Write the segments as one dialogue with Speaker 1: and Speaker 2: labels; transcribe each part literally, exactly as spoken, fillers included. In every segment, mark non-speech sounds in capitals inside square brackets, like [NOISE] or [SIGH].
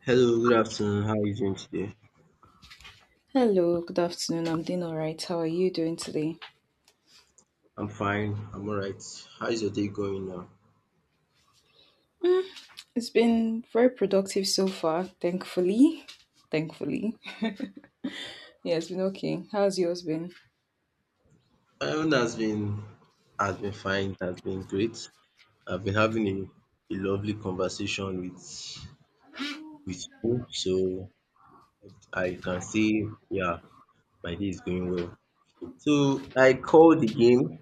Speaker 1: Hello, good afternoon. How are you doing today?
Speaker 2: Hello, good afternoon. I'm doing all right. How are you doing today?
Speaker 1: I'm fine. I'm all right. How is your day going now?
Speaker 2: It's been very productive so far, thankfully. Thankfully. Yeah, it's been okay. How's yours been?
Speaker 1: My own has been has been fine. Has been great. I've been having a, a lovely conversation with with you, so I can say yeah, my day is going well. So I called again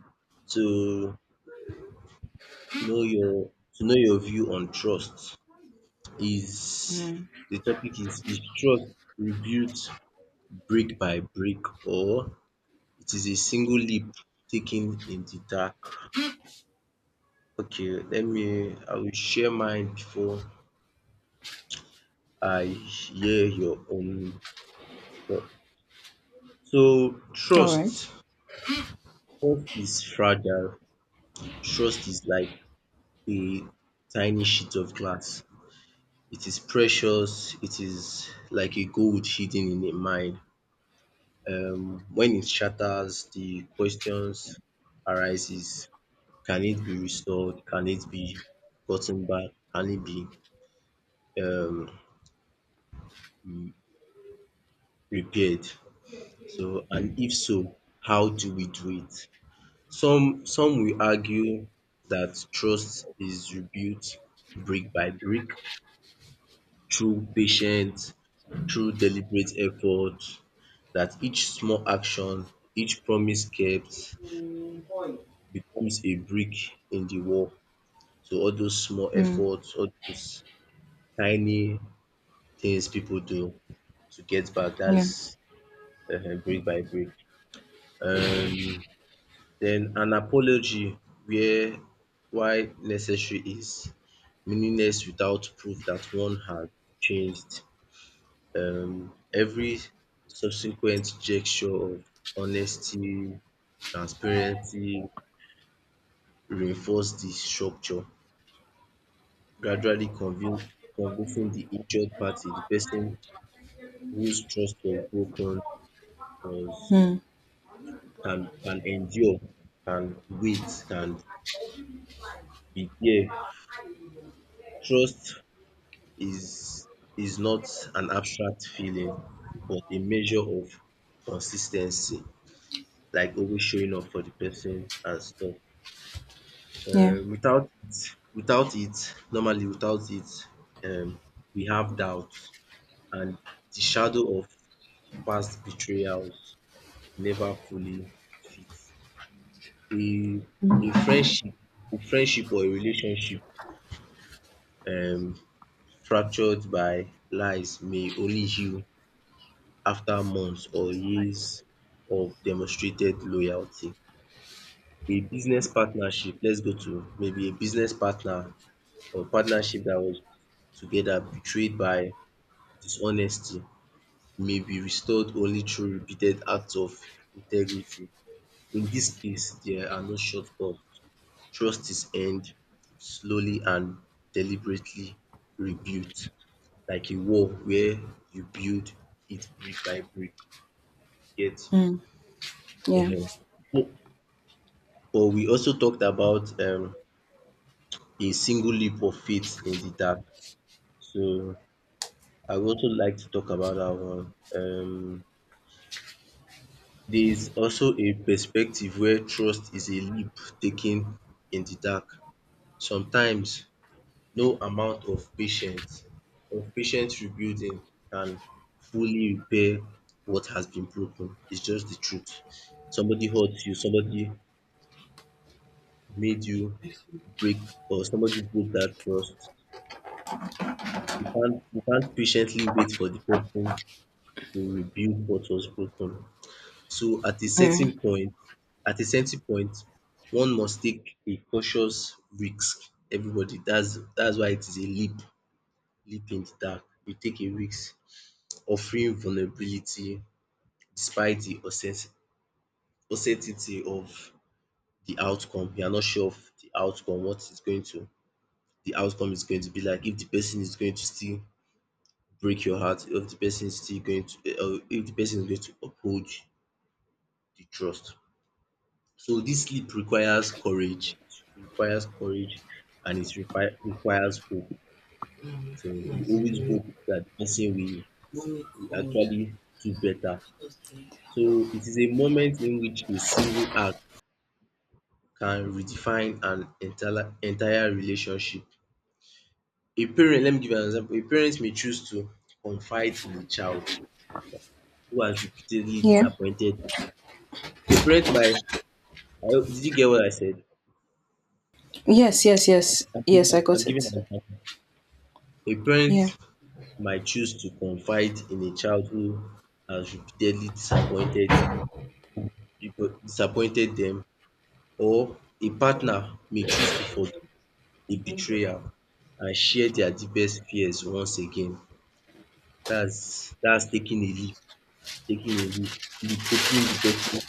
Speaker 1: to know your to know your view on trust. Is
Speaker 2: Mm.
Speaker 1: The topic is is trust rebuilt brick by brick, or it is a single leap taken in the dark? Okay, let me I will share mine before I hear your own thought. So
Speaker 2: All right.
Speaker 1: trust is fragile. Trust is like a tiny sheet of glass. It is precious. It is like a gold hidden in a mine. Um, when it shatters, the questions arises. Can it be restored? Can it be gotten back? Can it be um repaired? So, and if so, how do we do it? Some some will argue that trust is rebuilt brick by brick, through patience, through deliberate effort, that each small action, each promise kept becomes a brick in the wall. So all those small
Speaker 2: Mm.
Speaker 1: efforts, all those tiny things people do to get back, that's
Speaker 2: Yeah.
Speaker 1: um brick by brick. Um Den an apology where why necessary is meaningless without proof dat one had changed. um Every subsequent gesture of honesty, transparency reinforce de structure, gradually convin- convincing de injured party, de person whose trust was broken was
Speaker 2: Mm.
Speaker 1: can can endure, can wait, can be there. Trust is is not an abstract feeling but a measure of consistency, like always showing up for the person and stuff.
Speaker 2: Yeah.
Speaker 1: um Without it without it normally Without it um we have doubts, and the shadow of past betrayals never fully fits. A a friendship a friendship or a relationship um fractured by lies may only heal after months or years of demonstrated loyalty. A business partnership, let's go to maybe a business partner or partnership that was together betrayed by dishonesty may be restored only through repeated acts of integrity. In this case, there are no shortcuts. Trust is earned slowly and deliberately rebuilt like a wall where you build it brick by brick, you get?
Speaker 2: Mm. Yeah.
Speaker 1: um. But But we also talked about um, a single leap of faith in the dark. So I would also like to talk about that one. Um, there is also a perspective where trust is a leap taken in the dark. Sometimes no amount of patience of patient rebuilding can fully repair what has been broken. It's just the truth. Somebody hurt you, somebody made you break, or somebody broke that trust. You can't you can't patiently wait for the person to rebuild what was broken. So at a
Speaker 2: Yeah.
Speaker 1: certain point at a certain point one must take a cautious risk. Everybody that's that's why it is a leap leap in the dark. You take a risk offering vulnerability despite the uncertain uncertainty of the outcome. You are not sure of the outcome, what is going to the outcome is going to be like, if the person is going to still break your heart, if the person is still going to, or if the person is going to uphold the trust. So this sleep requires courage, it requires courage, and it require requires hope. So we always hope that the person will will actually do better. So it is a moment in which a single act can redefine an entire entire relationship. A parent, let me give you an example. A parent may choose to confide in a child who has repeatedly
Speaker 2: Yeah.
Speaker 1: disappointed. A parent might I hope, did you get what I said?
Speaker 2: Yes, yes, yes.
Speaker 1: I'm
Speaker 2: Yes, I
Speaker 1: giving I'm
Speaker 2: got
Speaker 1: giving an
Speaker 2: it.
Speaker 1: example. A parent
Speaker 2: Yeah.
Speaker 1: might choose to confide in a child who has repeatedly disappointed disappointed them, or a partner may choose to forgive a betrayal and share their deepest fears once again. That's that's taking a leap, taking a leap, leap, hoping the person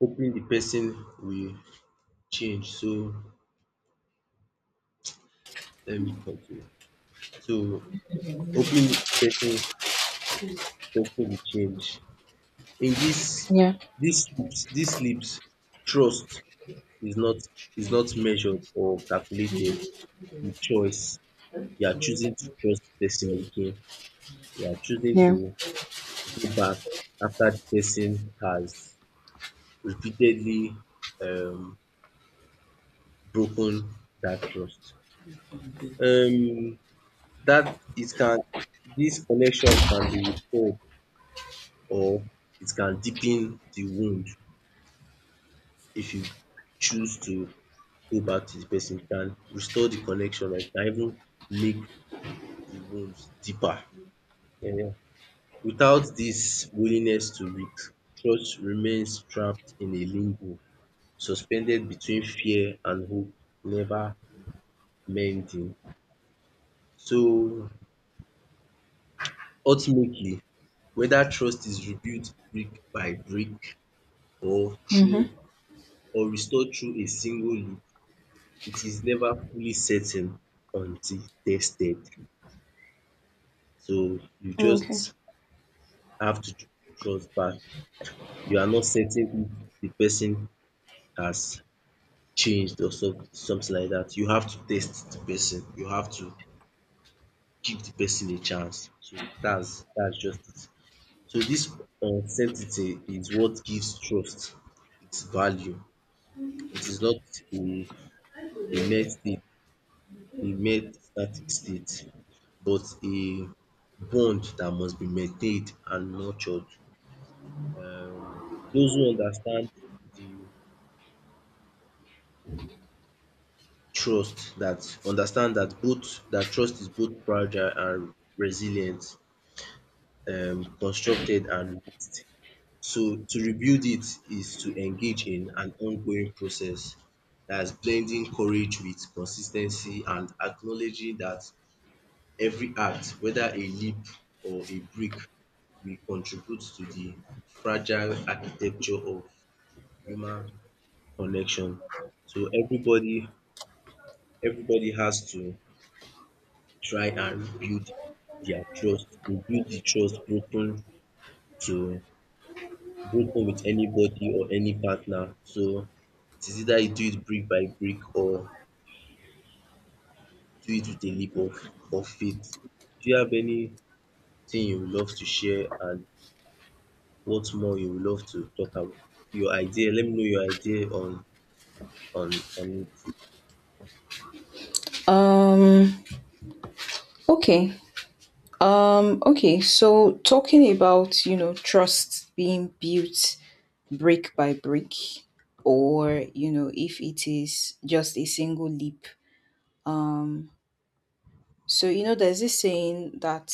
Speaker 1: hoping the person will change. So let me continue. So hoping the person person will change. In this
Speaker 2: Yeah.
Speaker 1: this slips this slips, trust is not is not measured or calculated, the choice, you are choosing to trust the person again, you are choosing to
Speaker 2: Yeah.
Speaker 1: go back after the person has repeatedly um broken that trust. Um that it can These connections can be repaired, or it can deepen the wound. If you choose to go back to the person, it can restore the connection, or it can even make the wounds deeper. um Without this willingness to risk, trust remains trapped in a limbo, suspended between fear and hope, never mending. So ultimately, whether trust is rebuilt brick by brick or
Speaker 2: Mm-hmm.
Speaker 1: through or restored through a single leap, it is never fully certain until tested. So you
Speaker 2: Okay.
Speaker 1: just have to tr- trust back. You are not certain if the person has changed or so something like that. You have to test the person. You have to give the person a chance. So that's that's just it. So this uncertainty is what gives trust its value. It is not a a mere state He made static state, but a bond that must be maintained and nurtured. Um those who understand the trust that understand that both that trust is both fragile and resilient, um constructed and mixed. So to rebuild it is to engage in an ongoing process that's blending courage with consistency, and acknowledging that every act, whether a leap or a brick, will contribute to the fragile architecture of human connection. So everybody everybody has to try and rebuild their trust, rebuild the trust broken to broken with anybody or any partner. So it is either you do it brick by brick or do it with a leap of of faith. Do you have anything you would love to share and what more you would love to talk about? Your idea, let me know your idea on on on it.
Speaker 2: Um, okay. Um, okay. So talking about, you know, trust being built brick by brick, or you know, if it is just a single leap. Um so you know, there's this saying that,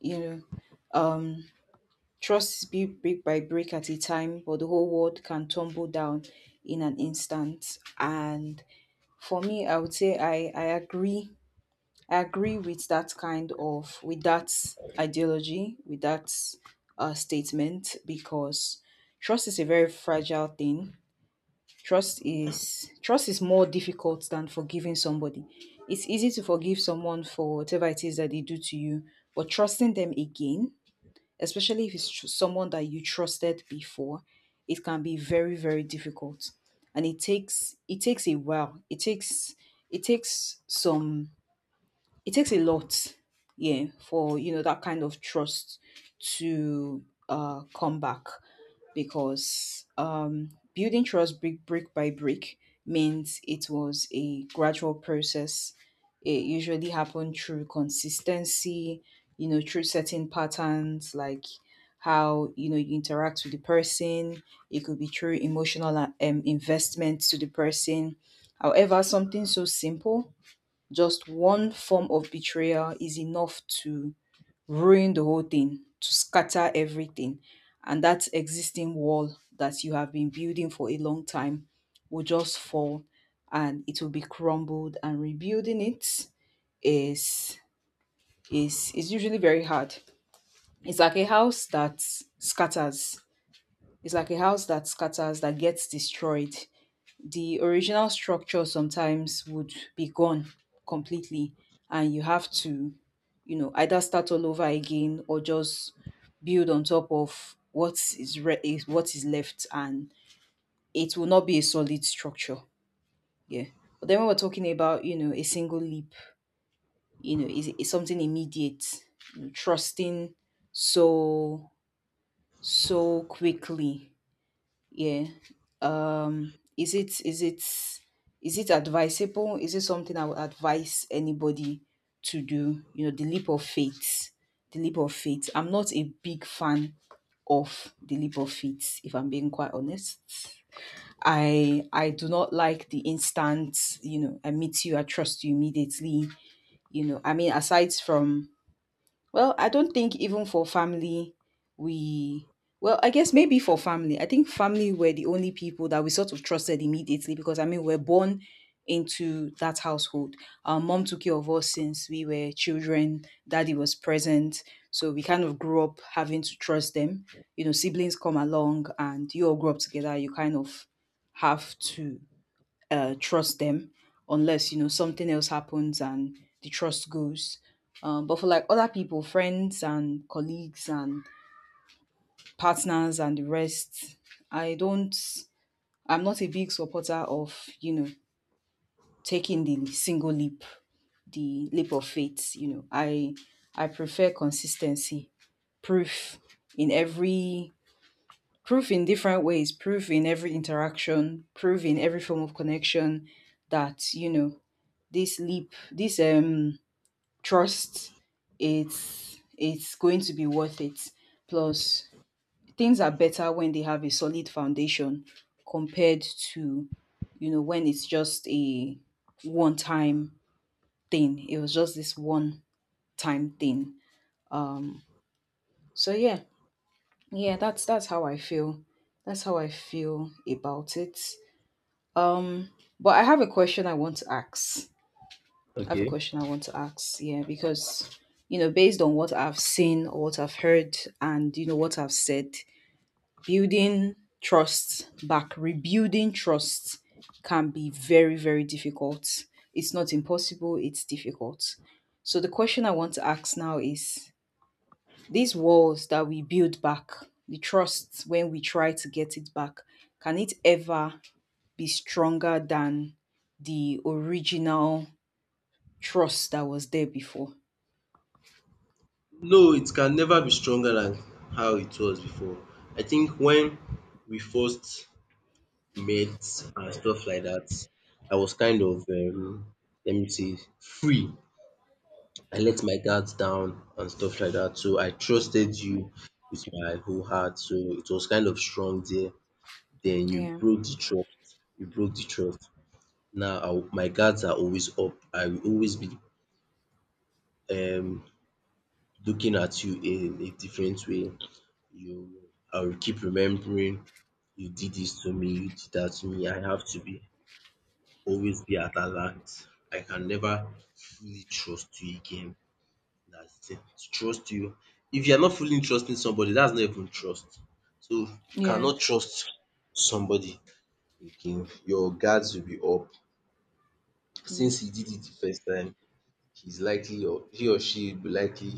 Speaker 2: you know, um trust is built brick by brick at a time, but the whole world can tumble down in an instant. And for me, i would say i i agree. I agree with that kind of, with that ideology, with that uh, statement, because trust is a very fragile thing. Trust is trust is more difficult than forgiving somebody. It's easy to forgive someone for whatever it is that they do to you, but trusting them again, especially if it's tr- someone that you trusted before, it can be very very difficult. And it takes it takes a while. It takes it takes some. It takes a lot, yeah, for, you know, that kind of trust to uh, come back, because um, building trust brick brick by brick means it was a gradual process. It usually happened through consistency, you know, through certain patterns, like how, you know, you interact with the person. It could be through emotional uh, um, investment to the person. However, something so simple, just one form of betrayal is enough to ruin the whole thing, to scatter everything. And that existing wall that you have been building for a long time will just fall, and it will be crumbled, and rebuilding it is is is usually very hard. It's like a house that scatters. It's like a house that scatters, that gets destroyed. The original structure sometimes would be gone completely, and you have to, you know, either start all over again or just build on top of what is re- is what is left, and it will not be a solid structure. Yeah. But then, when we're talking about, you know, a single leap, you know, is, is something immediate, you know, trusting so so quickly. Yeah. Um is it is it is it advisable? Is it something i would advise anybody to do, you know, the leap of faith? The leap of faith, i'm not a big fan of the leap of faith, if i'm being quite honest. I i do not like the instant, you know, i meet you, i trust you immediately. You know, I mean, aside from, well, I don't think even for family, we, well, I guess maybe for family. I think family were the only people that we sort of trusted immediately, because I mean, we are born into that household. Our mom took care of us since we were children, daddy was present. So we kind of grew up having to trust them. You know, siblings come along and you all grow up together. You kind of have to uh, trust them, unless, you know, something else happens and the trust goes. Um, but for like other people, friends and colleagues and partners and the rest, I don't. I'm not a big supporter of, you know, taking the single leap, the leap of faith. You know, I I prefer consistency, proof in every proof in different ways, proof in every interaction, proof in every form of connection that, you know, this leap, this um trust, it's it's going to be worth it. Plus, things are better when they have a solid foundation, compared to, you know, when it's just a one time thing. It was just this one time thing. Um so yeah, yeah, that's that's how I feel. That's how I feel about it. Um but I have a question I want to ask. I have a
Speaker 1: Okay.
Speaker 2: question I want to ask. Yeah, because, you know, based on what I've seen or what I've heard and, you know, what I've said, building trust back, rebuilding trust can be very, very difficult. It's not impossible, it's difficult. So the question I want to ask now is, these walls that we build back, the trust when we try to get it back, can it ever be stronger than the original trust that was there before?
Speaker 1: No, it can never be stronger than how it was before. I think when we first met and stuff like that, I was kind of um, let me say, free. I let my guards down and stuff like that. So I trusted you with my whole heart. So it was kind of strong there. Then you
Speaker 2: Yeah,
Speaker 1: broke the trust. You broke the trust. Now, I will my guards are always up. I will always be um looking at you in a different way. You I will keep remembering you did this to me, you did that to me. I have to be always be at alert. I can never fully trust you again. That's the thing. To trust you, if you are not fully trusting somebody, that's not even trust. So you
Speaker 2: yeah.
Speaker 1: cannot trust somebody again. Your guards will be up
Speaker 2: Mm.
Speaker 1: since he did it the first time. He's likely, or he or she will be likely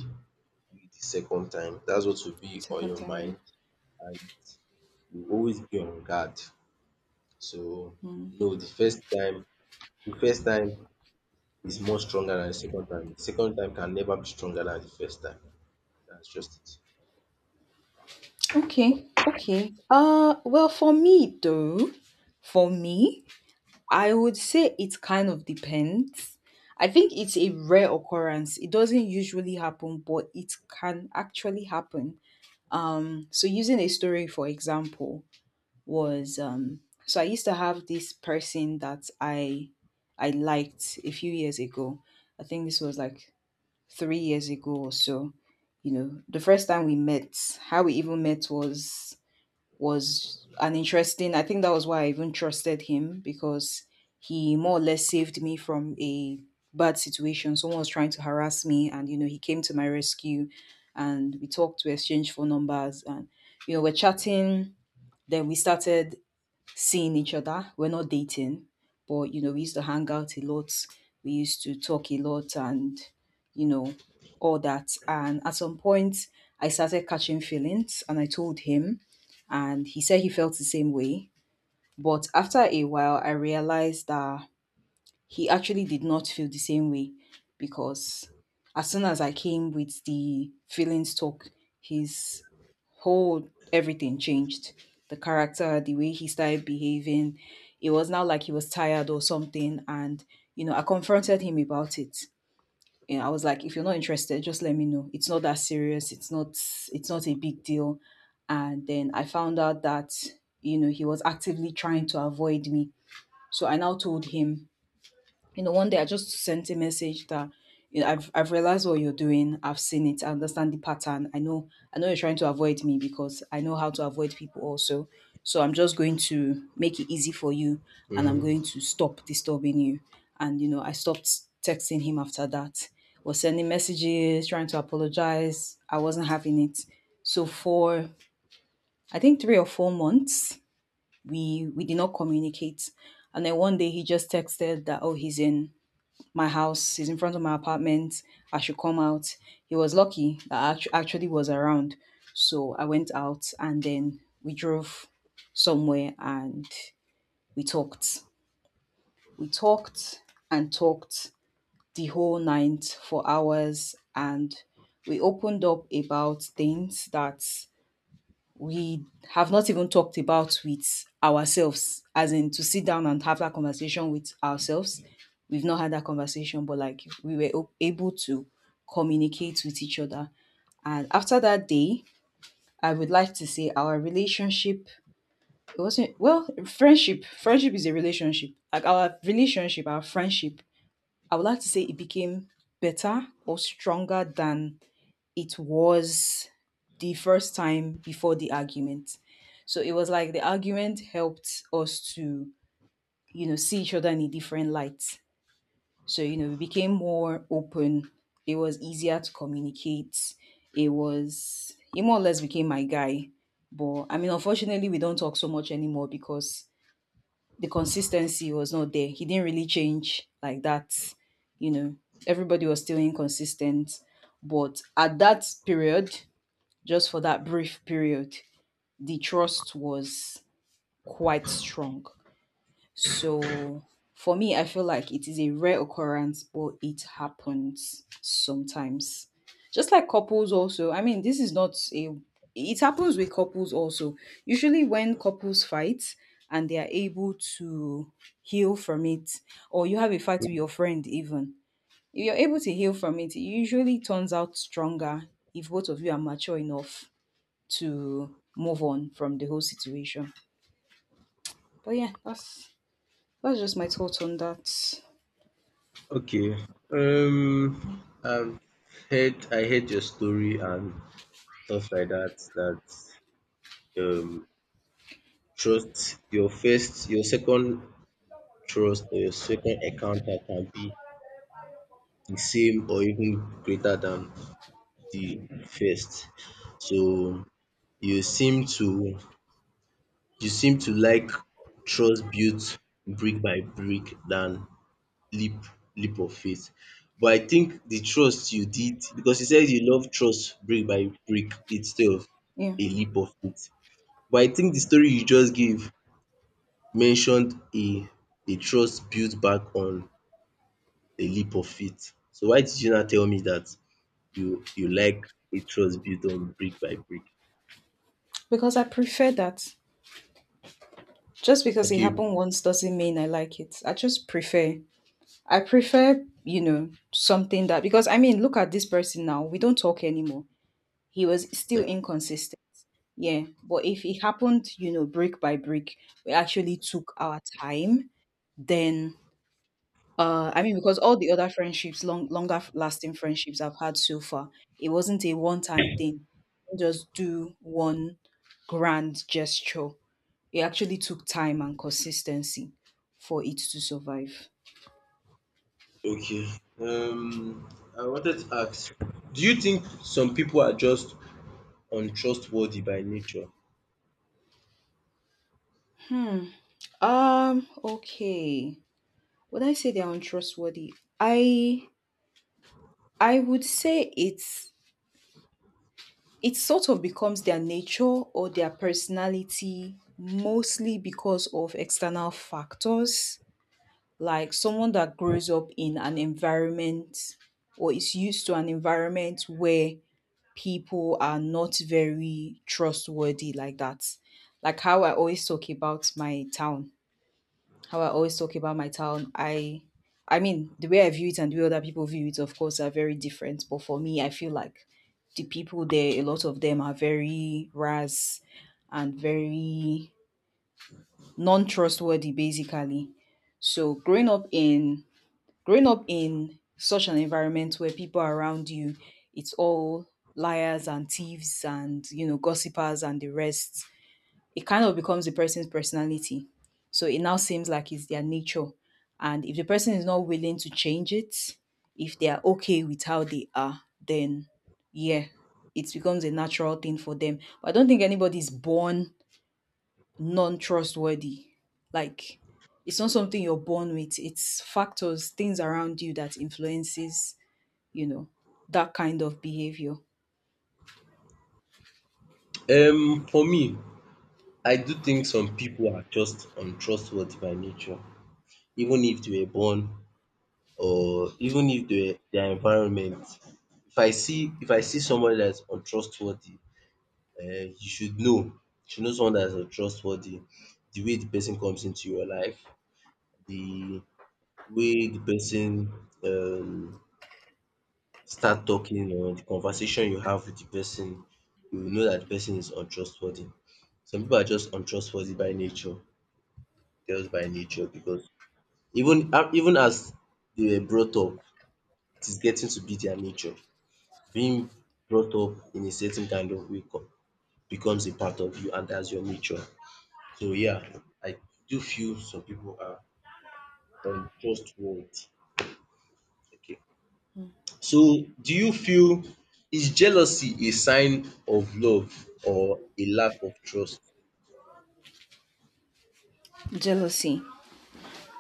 Speaker 1: do it the second time. That's what will be on
Speaker 2: Second
Speaker 1: your
Speaker 2: time, yeah.
Speaker 1: mind, and you will always be on guard. So
Speaker 2: Mm.
Speaker 1: no, the first time the first time is more stronger than the second time. The second time can never be stronger than the first time. That's just
Speaker 2: Okay, okay. Uh, well, for me though, for me, I would say it kind of depends. I think it's a rare occurrence. It doesn't usually happen, but it can actually happen. Um, so using a story for example, was um, so I used to have this person that I I liked a few years ago. I think this was like three years ago or so. You know, the first time we met, how we even met was was an interesting. I think that was why I even trusted him, because he more or less saved me from a bad situation. Someone was trying to harass me, and, you know, he came to my rescue, and we talked. We exchanged phone numbers, and, you know, we're chatting. Then we started seeing each other. We're not dating, but, you know, we used to hang out a lot. We used to talk a lot and, you know, all that. And at some point, I started catching feelings, and I told him, and he said he felt the same way. But after a while, I realized that he actually did not feel the same way, because as soon as I came with the feelings talk, his whole everything changed. The character, the way he started behaving, it was now like he was tired or something. And, you know, I confronted him about it. And I was like, if you're not interested, just let me know. It's not that serious. It's not it's not a big deal. And then I found out that, you know, he was actively trying to avoid me. So I now told him, you know, one day I just sent a message that, you know, I've I've realized what you're doing. I've seen it. I understand the pattern. I know I know you're trying to avoid me, because I know how to avoid people also. So I'm just going to make it easy for you,
Speaker 1: it.
Speaker 2: and I'm
Speaker 1: Mm-hmm.
Speaker 2: going to stop disturbing you. And, you know, I stopped texting him after that. Was sending messages, trying to apologize. I wasn't having it. So for, I think, three or four months, we we did not communicate. And then one day he just texted that, oh, he's in my house, is in front of my apartment. I should come out. He was lucky that I actu- actually was around. So I went out and then we drove somewhere and we talked. We talked and talked the whole night for hours, and we opened up about things that we have not even talked about with ourselves, as in to sit down and have that conversation with ourselves. We've not had that conversation, but like we were o- able to communicate with each other. And after that day, I would like to say our relationship, it wasn't, well, friendship. Friendship is a relationship. Like, our relationship, our friendship. I would like to say it became better or stronger than it was the first time, before the argument. So it was like the argument helped us to, you know, see each other in a different light. So, you know, we became more open. It was easier to communicate. It was, he more or less became my guy. But I mean, unfortunately, we don't talk so much anymore because the consistency was not there. He didn't really change like that. You know, everybody was still inconsistent. But at that period, just for that brief period, the trust was quite strong. So for me, I feel like it is a rare occurrence, but it happens sometimes. Just like couples, also. I mean, this is not a. It happens with couples also. Usually, when couples fight and they are able to heal from it, or you have a fight with your friend, even if you're able to heal from it, it usually turns out stronger, if both of you are mature enough to move on from the whole situation. But yeah, that's that's just my thoughts on that.
Speaker 1: Okay. Um I've heard I heard your story and stuff like that, that um trust your first your second trust or your second encounter can be the same or even greater than the first. So you seem to you seem to like trust built brick by brick than leap leap of faith. But I think the trust you did because you said you love trust brick by brick instead of
Speaker 2: Yeah,
Speaker 1: a leap of faith. But I think the story you just gave mentioned a a trust built back on a leap of faith. So why did you not tell me that you you like a trust built on brick by brick?
Speaker 2: because I prefer that. Just because it
Speaker 1: Okay,
Speaker 2: happened once doesn't mean I like it. I just prefer. I prefer, you know, something that, because I mean, look at this person now. We don't talk anymore. He was still
Speaker 1: like
Speaker 2: inconsistent. Yeah, but if it happened, you know, brick by brick, we actually took our time. Then Uh, I mean, because all the other friendships, long, longer lasting friendships I've had so far, it wasn't a one time thing. You just do one grand gesture. It actually took time and consistency for it to survive.
Speaker 1: okay. Um, I wanted to ask, do you think some people are just untrustworthy by nature?
Speaker 2: Hmm. Um. Okay. Would I say they're untrustworthy? I I would say it's it sort of becomes their nature or their personality mostly because of external factors, like someone that grows up in an environment or is used to an environment where people are not very trustworthy like that. Like how I always talk about my town. How I always talk about my town. I I mean, the way I view it and the way other people view it, of course, are very different. But for me, I feel like the people there, a lot of them are very ras and very non trustworthy, basically. So growing up in growing up in such an environment where people around you, it's all liars and thieves and, you know, gossipers and the rest, it kind of becomes the person's personality. So it now seems like it's their nature. And if the person is not willing to change it, if they are okay with how they are, then yeah, it becomes a natural thing for them. But I don't think anybody's born non-trustworthy. Like it's not something you're born with. It's factors, things around you that influences, you know, that kind of behavior.
Speaker 1: Um, for me, I do think some people are just untrustworthy by nature, even if they were born, or even if they were, their environment. If I see if I see somebody that's untrustworthy, um you should know, you should know someone that is trustworthy, the way the person comes into your life, the way the person um start talking, or the conversation you have with the person, you will know that the person is untrustworthy. Some people are just untrustworthy by nature, just by nature, because even even as they were brought up, it is getting to be their nature. Being brought up in a certain kind of way co- becomes a part of you, and that's your nature. So yeah, I do feel some people are untrustworthy. Okay. So do you feel, is jealousy a sign of love or a lack of trust?
Speaker 2: Jealousy.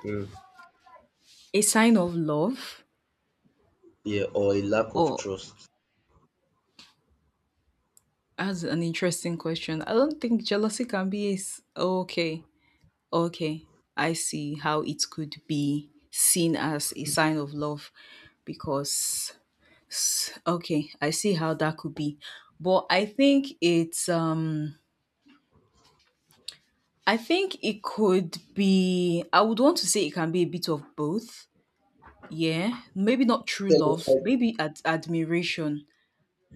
Speaker 1: Mm.
Speaker 2: A sign of love
Speaker 1: Yeah, or a lack of
Speaker 2: or
Speaker 1: trust.
Speaker 2: as an interesting question. I don't think jealousy can be a s- okay. Okay. I see how it could be seen as a sign of love because s- okay, I see how that could be. But I think it's um I think it could be, I would want to say it can be a bit of both. Yeah, maybe not true
Speaker 1: Tell us
Speaker 2: love,
Speaker 1: why.
Speaker 2: maybe ad- admiration.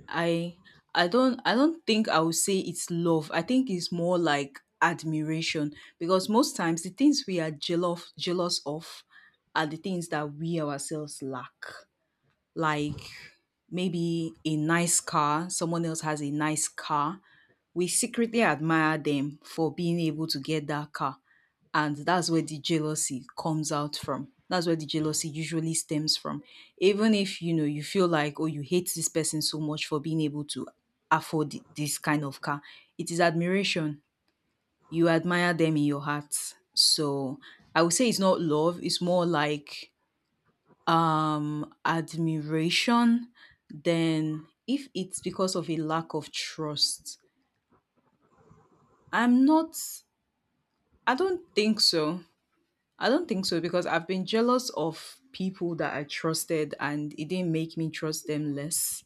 Speaker 2: I I don't I don't think I would say it's love. I think it's more like admiration because most times the things we are jealous jealous of are the things that we ourselves lack, like maybe a nice car, someone else has a nice car. We secretly admire them for being able to get that car. And that's where the jealousy comes out from. That's where the jealousy usually stems from. Even if you know you feel like, oh, you hate this person so much for being able to afford thi- this kind of car, it is admiration. You admire them in your heart. So I would say it's not love, it's more like um admiration. Then if it's because of a lack of trust, I'm not, I don't think so. I don't think so because I've been jealous of people that I trusted and it didn't make me trust them less.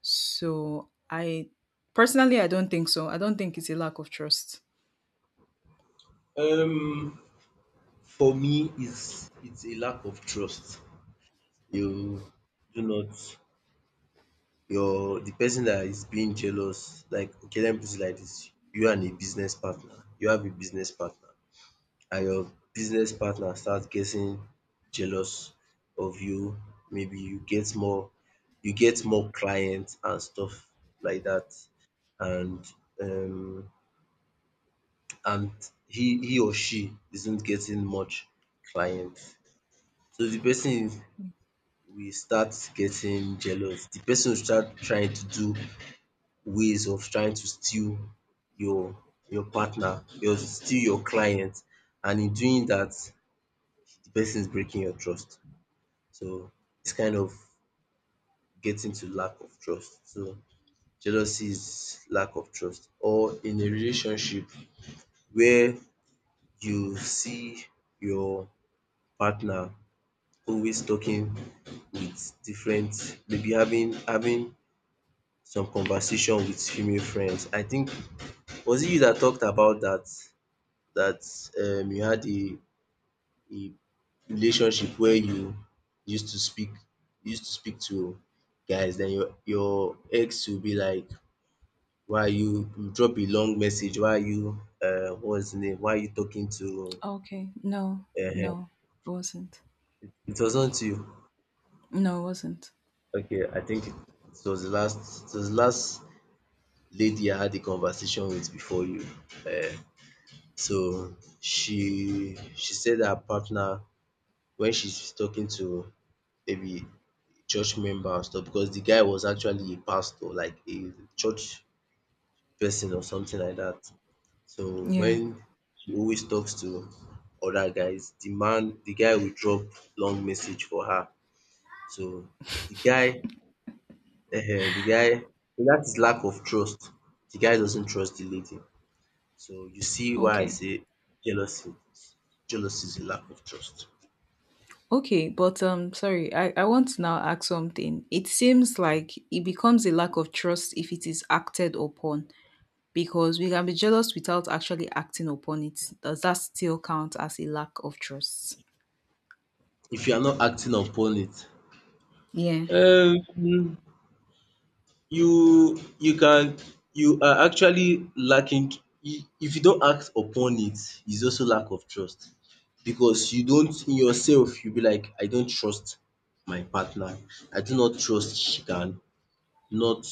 Speaker 2: So I, personally, I don't think so. I don't think it's a lack of trust.
Speaker 1: Um, for me, it's it's a lack of trust. You do not your, the person that is being jealous. Like okay, let me put it like this: you and a business partner. You have a business partner. And your business partner start getting jealous of you. Maybe you get more you get more clients and stuff like that and um and he he or she isn't getting much clients. So the person will start getting jealous. The person will start trying to do ways of trying to steal your your partner, your steal your client, and in doing that the person is breaking your trust. So it's kind of getting to lack of trust. So jealousy is lack of trust. Or in a relationship where you see your partner always talking with different, maybe having having some conversation with female friends. I think was it you that talked about that that um you had a a relationship where you used to speak used to speak to guys? Then your your ex will be like, why are you you drop a long message, why are you, um what's the name, why are you talking to
Speaker 2: Okay. No,
Speaker 1: um
Speaker 2: no, it wasn't.
Speaker 1: it wasn't you.
Speaker 2: No, it wasn't.
Speaker 1: Okay, I think it was the last it was the last lady I had a conversation with before you. um so she she said her partner, when she's talking to maybe church member and stuff, because the guy was actually a pastor, like a church person or something like that. So
Speaker 2: Yeah.
Speaker 1: when he always talks to other guys, the man the guy will drop long message for her. So the guy um the guy that is lack of trust. The guy doesn't trust the lady. So you see why I
Speaker 2: Okay.
Speaker 1: say jealousy jealousy is a lack of trust
Speaker 2: Okay, but um, sorry, I, I want to now ask something. It seems like it becomes a lack of trust if it is acted upon, because we can be jealous without actually acting upon it. Does that still count as a lack of trust?
Speaker 1: if you are not acting upon it.
Speaker 2: Yeah.
Speaker 1: Um you you can, you are actually lacking, you- if you don't act upon it is also lack of trust, because you don't, in yourself you be like, I don't trust my partner, I do not trust she can not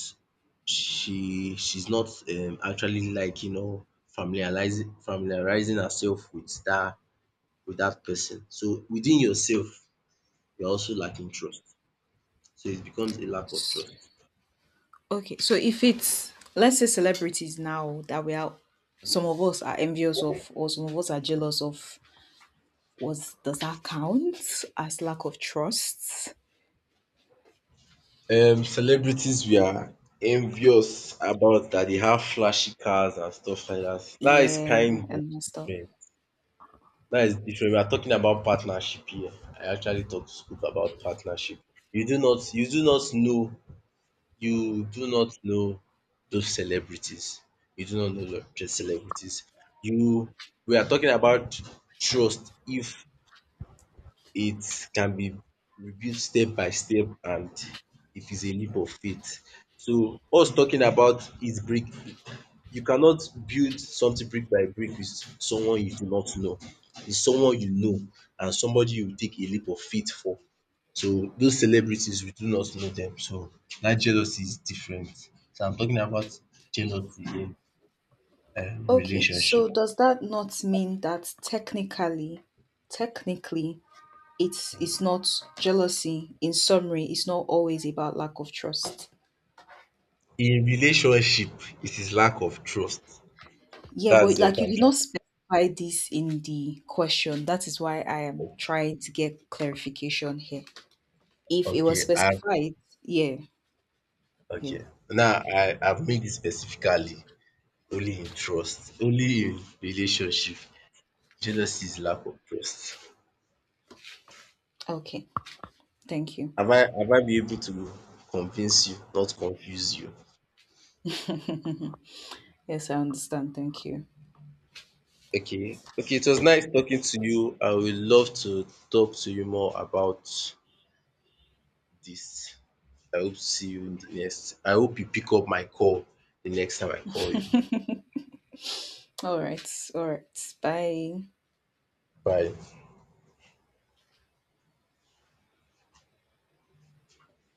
Speaker 1: she she's not um actually liking or familiarizing familiarizing herself with that with that person. So within yourself you're also lacking trust, so it becomes a lack of trust.
Speaker 2: Okay, so if it's, let's say celebrities now that we are, some of us are envious of, or some of us are jealous of, was does that count as lack of trust?
Speaker 1: Um, celebrities we are envious about that they have flashy cars and stuff like that. That is
Speaker 2: Yeah,
Speaker 1: kind of
Speaker 2: and stuff.
Speaker 1: different. That is different. We are talking about partnership here. I actually thought to speak about partnership. You do not you do not know you do not know those celebrities. You do not know the celebrities. You, we are talking about trust. If it can be reviewed step by step, and it is a leap of faith. So us talking about it, brick, you cannot build something brick by brick with someone you do not know. It's someone you know and somebody you take a leap of faith for. So those celebrities we do not know them. So that jealousy is different. So I'm talking about jealousy in um
Speaker 2: Okay,
Speaker 1: relationship.
Speaker 2: so does that not mean that technically, technically, it's it's not jealousy. In summary, it's not always about lack of trust.
Speaker 1: In relationship, it is lack of trust.
Speaker 2: Yeah, but
Speaker 1: That's
Speaker 2: like
Speaker 1: what
Speaker 2: you
Speaker 1: I'm
Speaker 2: did
Speaker 1: trying.
Speaker 2: not specify this in the question. That is why I am trying to get clarification here. If it was
Speaker 1: Okay, and
Speaker 2: specified, yeah, yeah.
Speaker 1: okay. Now I I've made it specifically only in trust, only in relationship. Jealousy is lack of trust.
Speaker 2: Okay, thank you.
Speaker 1: Have I have I been able to convince you, not confuse you?
Speaker 2: [LAUGHS] Yes, I understand. Thank you.
Speaker 1: Okay. Okay, it was nice talking to you. I would love to talk to you more about this. I hope to see you in the next. I hope you pick up my call the next time I call you.
Speaker 2: [LAUGHS] All right, all right. Bye.
Speaker 1: Bye.